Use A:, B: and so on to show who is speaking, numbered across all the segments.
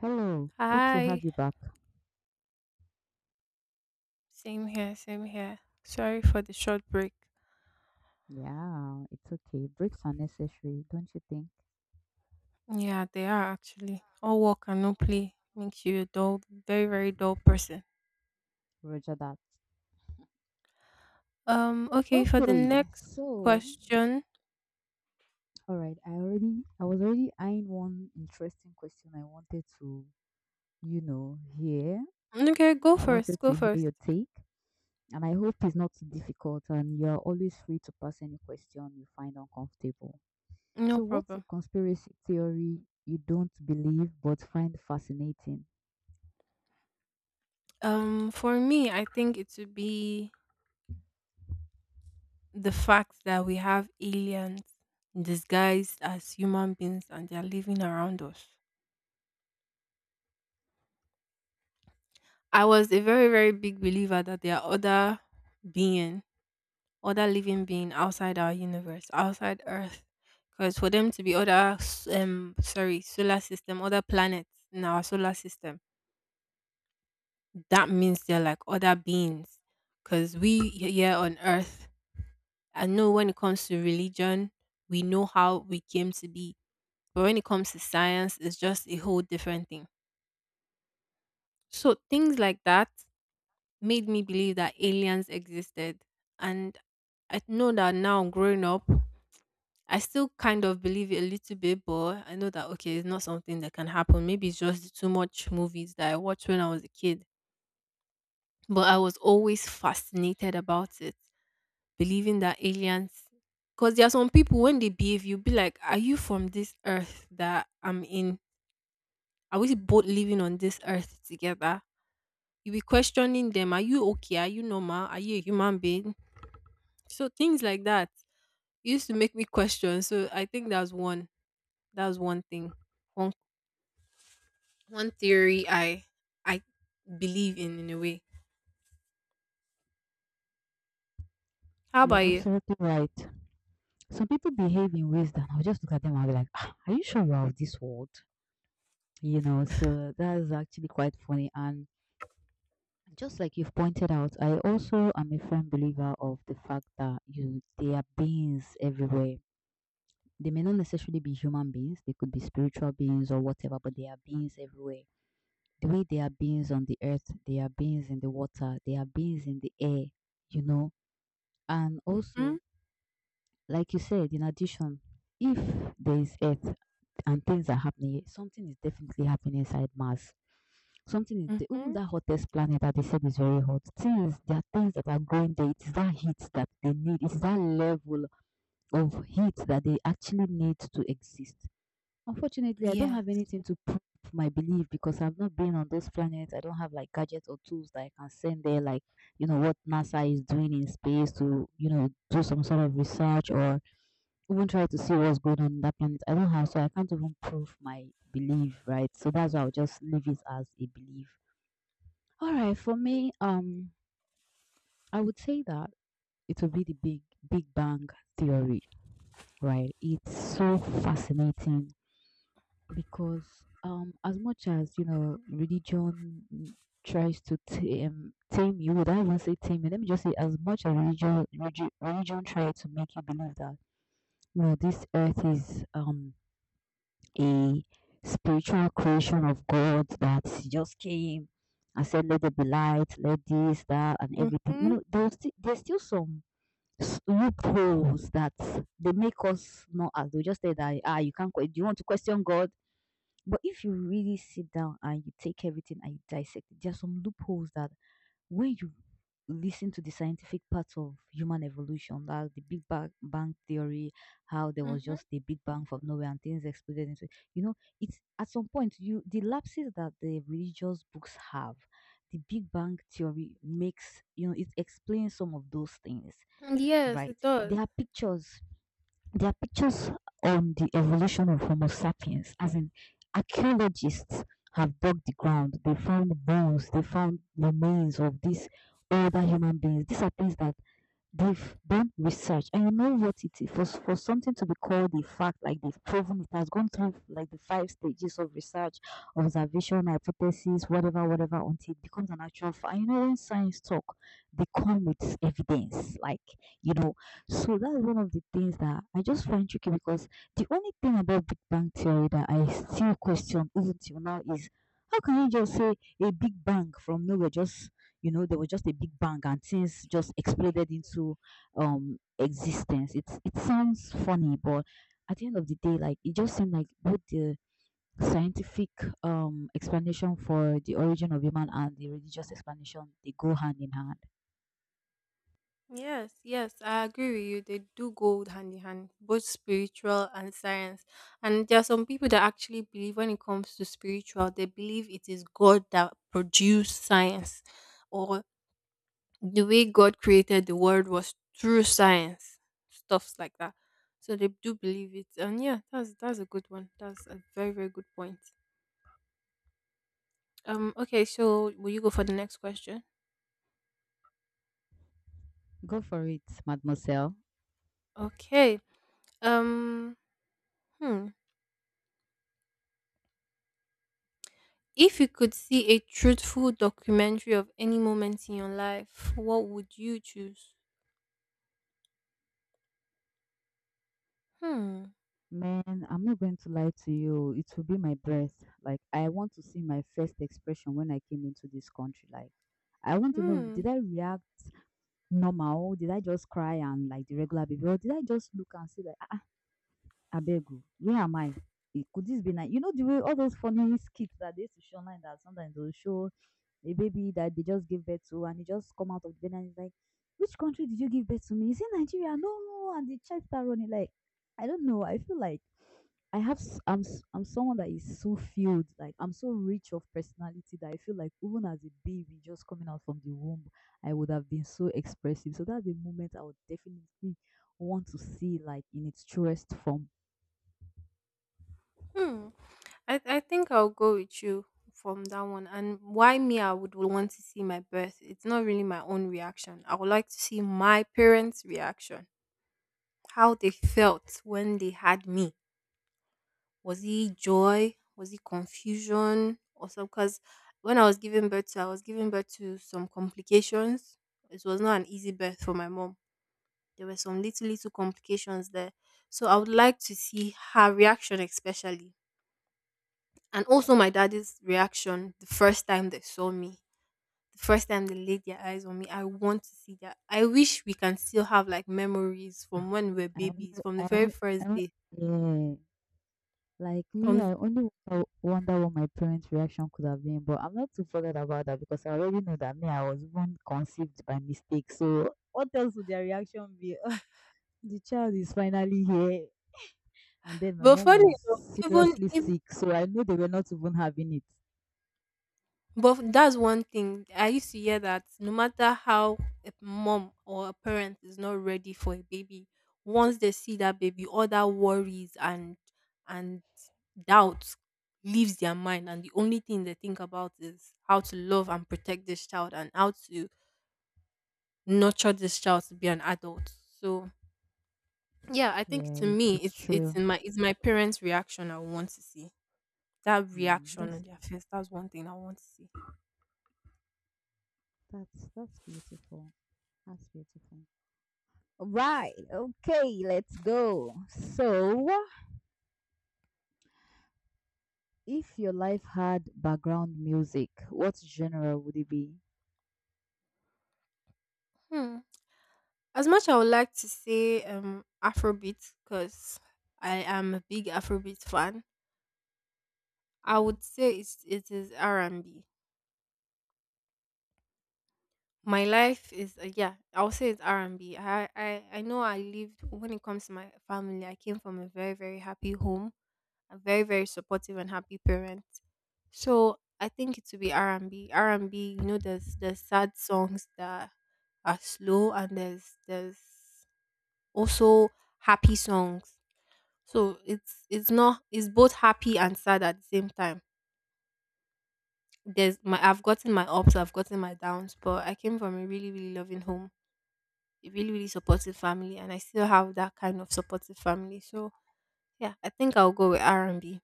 A: Hello, good to have
B: Hi.
A: you back.
B: Same here, same here. Sorry for the short break.
A: Yeah, it's okay. Breaks are necessary, don't you think?
B: Yeah, they are actually. All work and no play makes you a dull, very, very dull person.
A: Roger that.
B: Okay, for the
A: Okay,
B: next question.
A: all right, I was already eyeing one interesting question I wanted to hear.
B: Okay, go
A: I wanted
B: first, go
A: to hear
B: first.
A: your take, and I hope it's not too difficult and you're always free to pass any question you find uncomfortable.
B: No
A: So what's a
B: problem.
A: conspiracy theory you don't believe but find fascinating?
B: For me, I think it would be the fact that we have aliens disguised as human beings and they're living around us. I was a very, very big believer that there are beings other living being outside our universe, outside Earth. Because for them to be other, sorry, solar system, other planets in our solar system, that means they're like other beings. Because we here on Earth, I know when it comes to religion, we know how we came to be. But when it comes to science, it's just a whole different thing. So things like that made me believe that aliens existed. And I know that now growing up, I still kind of believe it a little bit, but I know that okay, it's not something that can happen. Maybe it's just the too much movies that I watched when I was a kid. But I was always fascinated about it, believing that aliens. Because there are some people when they behave, you'll be like, "Are you from this earth that I'm in? Are we both living on this earth together?" You be questioning them. Are you okay? Are you normal? Are you a human being? So things like that used to make me question. So I think that's one. That's one thing one one theory I believe in a way. How
A: You're
B: about you?
A: absolutely right. Some people behave in ways that I'll just look at them and I'll be like, "Ah, are you sure you're of this world?" You know, so that is actually quite funny. And just like you've pointed out, I also am a firm believer of the fact that you there are beings everywhere. They may not necessarily be human beings, they could be spiritual beings or whatever, but there are beings everywhere. The way there are beings on the earth, there are beings in the water, there are beings in the air, you know. And also,
B: Mhm.
A: like you said, in addition, if there is earth, and things are happening, something is definitely happening inside Mars. Even
B: Mhm.
A: that hottest planet that they said is very hot. Things there are things that are growing there. It's that heat that they need. It's that level of heat that they actually need to exist. Unfortunately, I don't
B: Yeah.
A: have anything to prove my belief because I've not been on those planets. I don't have like gadgets or tools that I can send there, like you know what NASA is doing in space to do some sort of research or even try to see what's going on in that planet. I don't have, so I can't even prove my belief, right? So that's why I'll just leave it as a belief. All right, for me, I would say that it will be the Big Bang theory, right? It's so fascinating because as much as you know, religion tries to tame you. Would I even say tame you? Let me just say, as much as religion tries to make you believe that you know this earth is a spiritual creation of God that just came and said, "Let there be light, let this, that, and everything." You
B: Mhm.
A: know, there's still some loopholes that they make us not as they just say that you can't. Do you want to question God? But if you really sit down and you take everything and you dissect it, there are some loopholes that when you listen to the scientific part of human evolution, like the Big Bang theory, how there was
B: Mhm.
A: just a Big Bang from nowhere and things exploded into, you know, it's at some point you the lapses that the religious books have, the Big Bang theory makes, you know, it explains some of those things,
B: Yes,
A: right?
B: it
A: There
B: does.
A: are pictures there are pictures on the evolution of Homo sapiens, as in archaeologists have dug the ground, they found bones, they found remains of these older human beings. These are things that They've done research, and you know what it is for something to be called a fact, like they've proven it has gone through like the five stages of research, observation, hypothesis, whatever, whatever, until it becomes an actual fact. And you know when science talk, they come with evidence, you know. So that's one of the things that I just find tricky because the only thing about Big Bang Theory that I still question even till now is, how can you just say a Big Bang from nowhere? Just, there was just a big bang and things just exploded into existence. It sounds funny, but at the end of the day, like, it just seemed like both the scientific explanation for the origin of human and the religious explanation, they go hand in hand.
B: Yes, yes, I agree with you. They do go hand in hand, both spiritual and science. And there are some people that actually believe when it comes to spiritual, they believe it is God that produced science, or the way God created the world was through science, stuffs like that. So they do believe it, and yeah, that's a good one. That's a very very good point. Okay, so will you go for the next question?
A: Go for it, mademoiselle.
B: Okay. Um, hmm. If you could see a truthful documentary of any moment in your life, what would you choose? Hmm.
A: Man, I'm not going to lie to you. It will be my breath. Like, I want to see my first expression when I came into this country. Like, I want to know,
B: Hmm.
A: did I react normal? Oh, did I just cry and like the regular baby? Or did I just look and see like, "Ah, abeg where am I? Eh, could this be nice?" You know the way all those funny skits that they used to show online that sometimes they'll show a baby that they just gave birth to and he just come out of the bed and it's like, "Which country did you give birth to me? Is it Nigeria?" No, and the child start running like, I don't know. I feel like I'm someone that is so filled, like I'm so rich of personality that I feel like even as a baby just coming out from the womb, I would have been so expressive. So that's a moment I would definitely want to see like in its truest form.
B: Hmm. I think I'll go with you from that one. And why me? I would want to see my birth. It's not really my own reaction. I would like to see my parents' reaction, how they felt when they had me. Was it joy? Was it confusion? Or some? Because when I was giving birth to some complications. It was not an easy birth for my mom. There were some little little complications there. So I would like to see her reaction, especially. And also my daddy's reaction the first time they saw me, the first time they laid their eyes on me. I want to see that. I wish we can still have like memories from when we were
A: Ah, I
B: babies,
A: only
B: from the
A: I
B: very
A: only, I
B: first
A: only
B: day.
A: yeah. Like me,
B: From the,
A: I only wonder what my parents' reaction could have been, but I'm not too bothered about that because I already know that me, I was even conceived by mistake. So what else would their reaction be? Oh, the child is finally here. And then my
B: but
A: mom
B: funny
A: was
B: enough, even
A: seriously sick, so I know they were not even having it.
B: But that's one thing. I used to hear that no matter how a mom or a parent is not ready for a baby, once they see that baby, all that worries and and doubts leaves their mind and the only thing they think about is how to love and protect this child and how to nurture this child to be an adult. So yeah, I think
A: Yeah,
B: to
A: it,
B: me
A: it's
B: it's it's
A: true.
B: in my it's my parents' reaction I want to see. That
A: Mm.
B: reaction on
A: That's
B: their face, that's one thing I want to see.
A: that's that's beautiful. That's beautiful. Right. Okay, let's go. So, if your life had background music, what genre would it be?
B: Hmm. As much I would like to say Afrobeat because I am a big Afrobeat fan, I
A: Yeah.
B: would say it is R and B. My life is yeah, I'll say it's R and B. I know I lived when it comes to my family, I came from a very very happy home, a very very supportive and happy parent. So I think it would be R and B. R and B, there's sad songs that are slow and there's also happy songs. So it's not, it's both happy and sad at the same time. There's my I've gotten my ups, I've gotten my downs, but I came from a really, really loving home, a really, really supportive family, and I still have that kind of supportive family. So yeah, I think I'll go with R and B.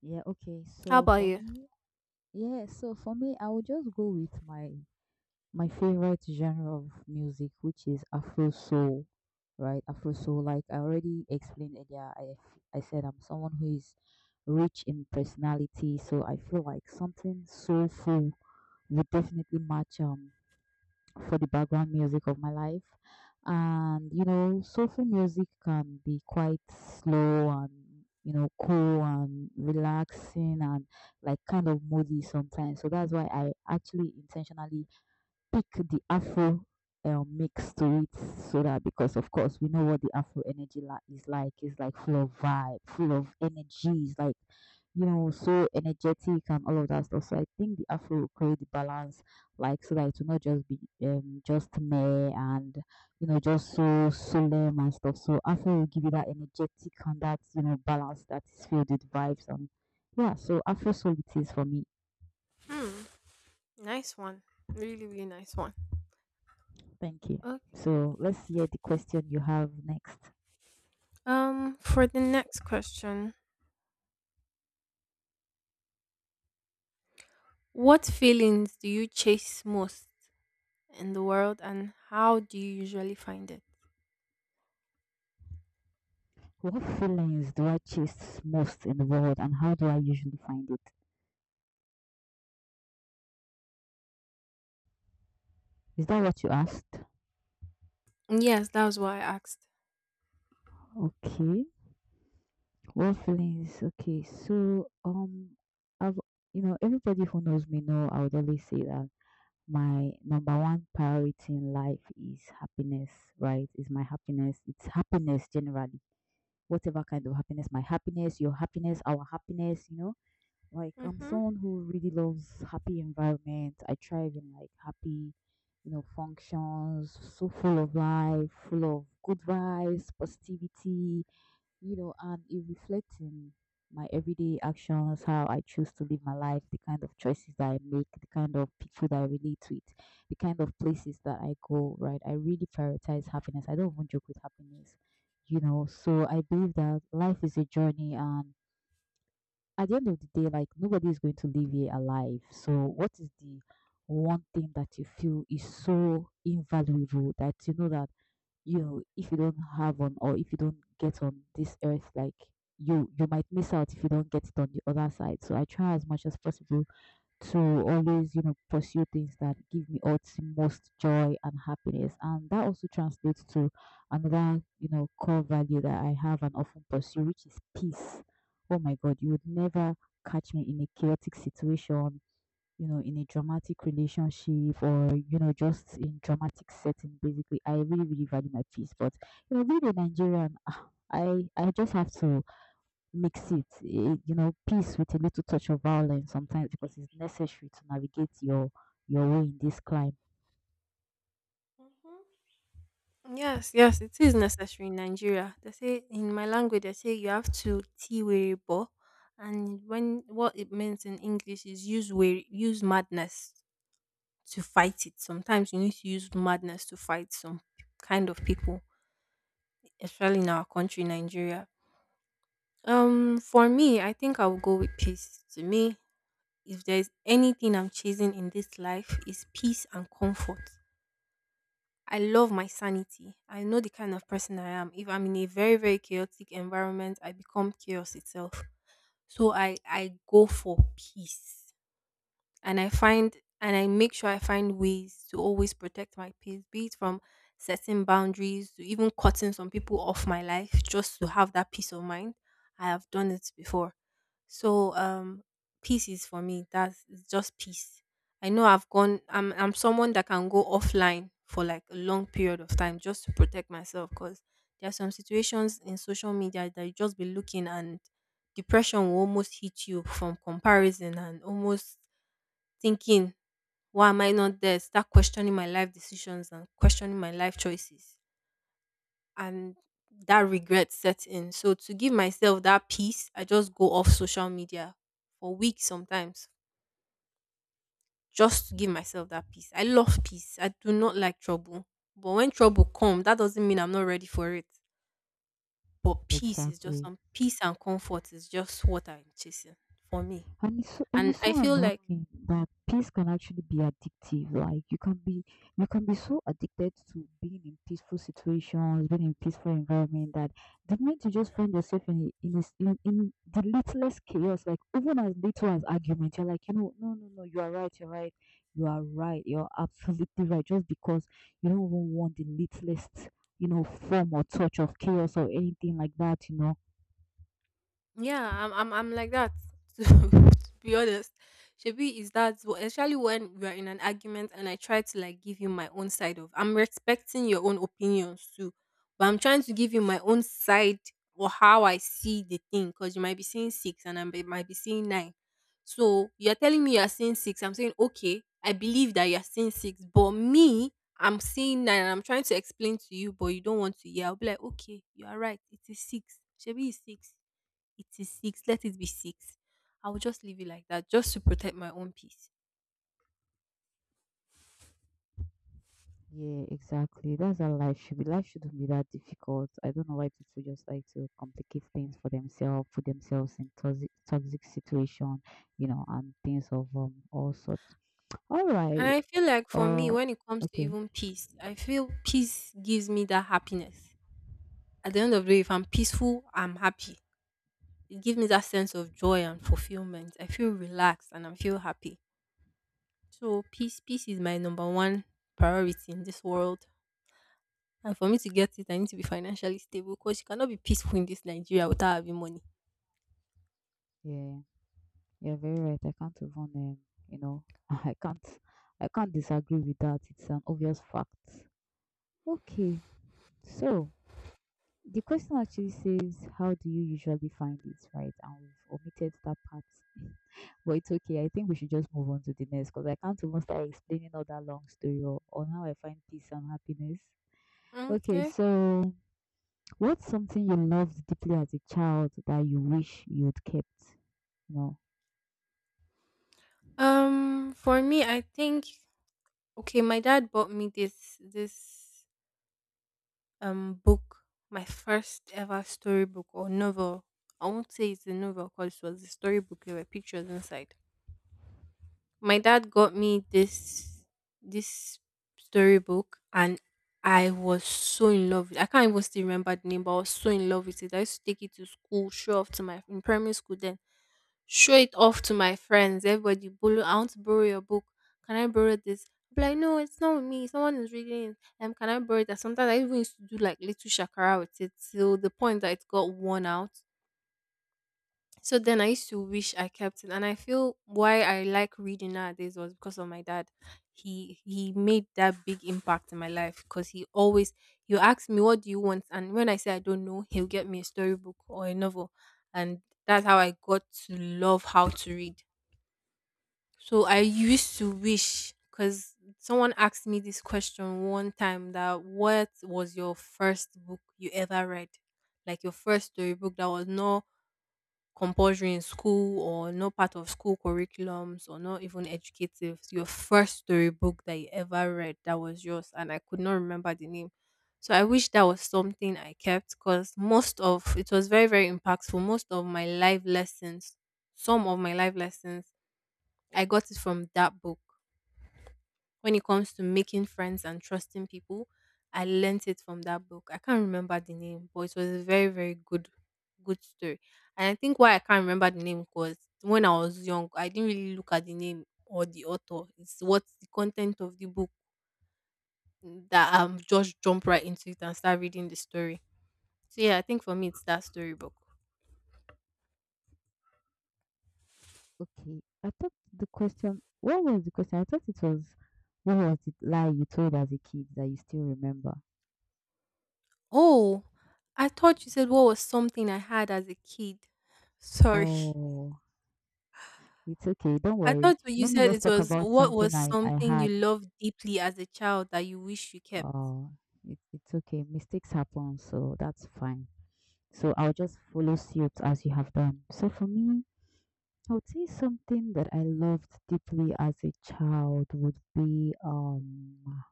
A: Yeah, okay.
B: How
A: So
B: about
A: for
B: you?
A: me, yeah, so for me, I would just go with my favorite genre of music, which is Afro soul, right? Afro soul, like I already explained earlier, I said I'm someone who is rich in personality, so I feel like something soulful would definitely match for the background music of my life. And you know, soulful music can be quite slow and you know cool and relaxing and like kind of moody sometimes. So that's why I actually intentionally pick the Afro mix to it so that because of course we know what the Afro energy like is like. It's like full of vibe, full of energy. It's like you know so energetic and all of that stuff. So I think the Afro will create the balance, like so that it will not just be just mere and you know just so solemn and stuff. So Afro will give you that energetic and that you know balance that is filled with vibes and yeah. So Afro soul it is for me.
B: Hmm. Nice one. Really, really nice one.
A: Thank you.
B: Okay.
A: So let's hear the question you have next.
B: For the next question, what feelings do you chase most in the world and how do you usually find it?
A: What feelings do I chase most in the world and how do I usually find it? Is that what you asked?
B: Yes, that was what I asked.
A: Okay. What feelings? Okay. So, I've, you know, everybody who knows me know I would always say that my number one priority in life is happiness, right? Is my happiness. It's happiness generally. Whatever kind of happiness, my happiness, your happiness, our happiness. Like I'm
B: Mm-hmm.
A: someone who really loves happy environment. I thrive in like happy, you know, functions, so full of life, full of good vibes, positivity, you know, and it reflects in my everyday actions, how I choose to live my life, the kind of choices that I make, the kind of people that I relate with, the kind of places that I go, right? I really prioritize happiness. I don't even joke with happiness, you know. So I believe that life is a journey and at the end of the day, like nobody is going to leave here alive. So, what is the one thing that you feel is so invaluable that you know if you don't have on or if you don't get on this earth, like you might miss out if you don't get it on the other side. So, I try as much as possible to always, you know, pursue things that give me utmost joy and happiness. And that also translates to another, you know, core value that I have and often pursue, which is peace. Oh my God, you would never catch me in a chaotic situation, you know, in a dramatic relationship or, you know, just in dramatic setting, basically. I really, really value my peace. But, you know, being a Nigerian, I just have to makes it, you know, peace with a little touch of violence sometimes because it's necessary to navigate your way in this climb.
B: Yes, yes, it is necessary in Nigeria. They say in my language, they say you have to tea were bo, and when what it means in English is use were use madness to fight it. Sometimes you need to use madness to fight some kind of people, especially in our country, Nigeria. For me, I think I will go with peace. To me, if there is anything I'm chasing in this life, is peace and comfort. I love my sanity. I know the kind of person I am. If I'm in a very, very chaotic environment, I become chaos itself. So I go for peace and I make sure I find ways to always protect my peace, be it from setting boundaries to even cutting some people off my life just to have that peace of mind. I have done it before. So peace is for me. That's It's just peace. I know I've gone I'm someone that can go offline for like a long period of time just to protect myself because there are some situations in social media that you just be looking and depression will almost hit you from comparison and almost thinking, why am I not there? Start questioning my life decisions and questioning my life choices. And that regret sets in. So to give myself that peace, I just go off social media for weeks sometimes just to give myself that peace. I love peace. I do not like trouble. But when trouble comes, that doesn't mean I'm not ready for it. But peace is just
A: Exactly.
B: some peace and comfort is just what I'm chasing for me.
A: And it's so, and
B: And
A: it's
B: I
A: so
B: feel like
A: annoying that peace can actually be addictive. Like you can be so addicted to being in peaceful situations, being in peaceful environment that the moment you just find yourself in, a s- in the littlest chaos, like even as little as argument, you're like, you know, no, no, no, you are right, you're right, you are right, you're absolutely right. Just because you don't even want the littlest, you know, form or touch of chaos or anything like that.
B: Yeah, I'm like that. To be honest, Shebi is that especially when we are in an argument and I try to like give you my own side of. I'm respecting your own opinions too, but I'm trying to give you my own side or how I see the thing because you might be seeing six and I might be seeing nine. So you're telling me you're seeing six. I'm saying okay, I believe that you're seeing six, but me. I'm seeing nine and I'm trying to explain to you, but you don't want to hear. I'll be like, okay, you are right. It is six. Shebi is six, it is six, let it be six. I will just leave it like that, just to protect my own peace.
A: Yeah, exactly. That's how life should be. Life shouldn't be that difficult. I don't know why people just like to complicate things for themselves, put themselves in toxic situation, you know, and things of all sorts. All
B: And
A: right.
B: I feel like for me,
A: Uh,
B: when it comes to
A: okay.
B: even peace, I feel peace gives me that happiness. At the end of the day, if I'm peaceful, I'm happy. It gives me that sense of joy and fulfillment. I feel relaxed and I feel happy. So peace, peace is my number one priority in this world. And for me to get it, I need to be financially stable because you cannot be peaceful in this Nigeria without having money.
A: Yeah, you're very right. I can't even you know, I can't I can't disagree with that. It's an obvious fact. Okay. So the question actually says, how do you usually find it, right? And we've omitted that part. But it's okay. I think we should just move on to the next because I can't even start explaining all that long story on how I find peace and happiness. Okay,
B: Okay.
A: so what's something you loved deeply as a child that you wish you would kept? No.
B: For me, I think okay, my dad bought me this book, my first ever storybook or novel. I won't say it's a novel because it was a storybook. There were pictures inside. My dad got me this storybook, and I was so in love with, I can't even still remember the name, but I was so in love with it. I used to take it to school, show off to my, in primary school then show it off to my friends. Everybody borrow. I want to borrow your book. Can I borrow this? I'll be like, no, it's not with me. Someone is reading it. Can I borrow it? And sometimes I even used to do like little shakara with it till the point that it got worn out. So then I used to wish I kept it, and I feel why I like reading nowadays was because of my dad. He made that big impact in my life because he always you ask me what do you want, and when I say I don't know, he'll get me a storybook or a novel, and that's how I got to love how to read. So I used to wish because someone asked me this question one time that what was your first book you ever read? Like your first storybook that was not compulsory in school or not part of school curriculums or not even educative. Your first storybook that you ever read that was yours and I could not remember the name. So I wish that was something I kept because most of it was very, very impactful. Most of my life lessons, Some of my life lessons I got it from that book. When it comes to making friends and trusting people, I learnt it from that book. I can't remember the name, but it was a very, very good, good story. And I think why I can't remember the name was when I was young, I didn't really look at the name or the author. It's What's the content of the book that I'm just jump right into it and start reading the story. So yeah, I think for me it's that storybook.
A: Okay. I thought the question, What was the question? I thought it was, what was the lie you told as a kid that you still remember?
B: Oh, I thought you said what was something I had as a kid. Sorry.
A: Oh, it's okay. Don't
B: I
A: worry.
B: thought what you
A: Let me
B: said
A: just
B: it
A: talk
B: was
A: about
B: what
A: something
B: was
A: I
B: something you
A: had.
B: loved deeply as a child that you wish you kept.
A: Oh, it's okay. Mistakes happen, so that's fine. So I'll just follow suit as you have done. So for me, I would say something that I loved deeply as a child would be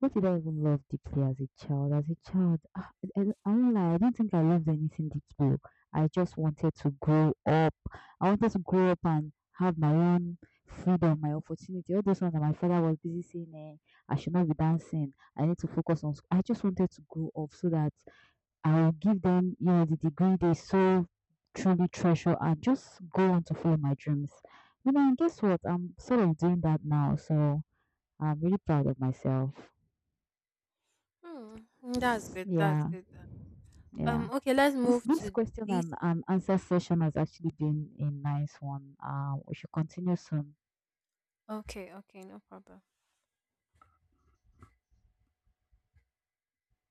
A: what did I even love deeply as a child? As a child, I won't lie, I didn't think I loved anything deeply. I just wanted to grow up. I wanted to grow up and have my own freedom, my opportunity. All those ones that my father was busy saying, I should not be dancing. I need to focus on school. I just wanted to grow up so that I will give them, you know, the degree they so truly treasure and just go on to follow my dreams. You know, and guess what? I'm sort of doing that now, so I'm really proud of myself.
B: Hmm, that's good. That's
A: Yeah,
B: good.
A: yeah.
B: Okay. Let's
A: This
B: move
A: this
B: to
A: question
B: this.
A: and answer session has actually been a nice one. We should continue soon.
B: Okay. Okay. No problem.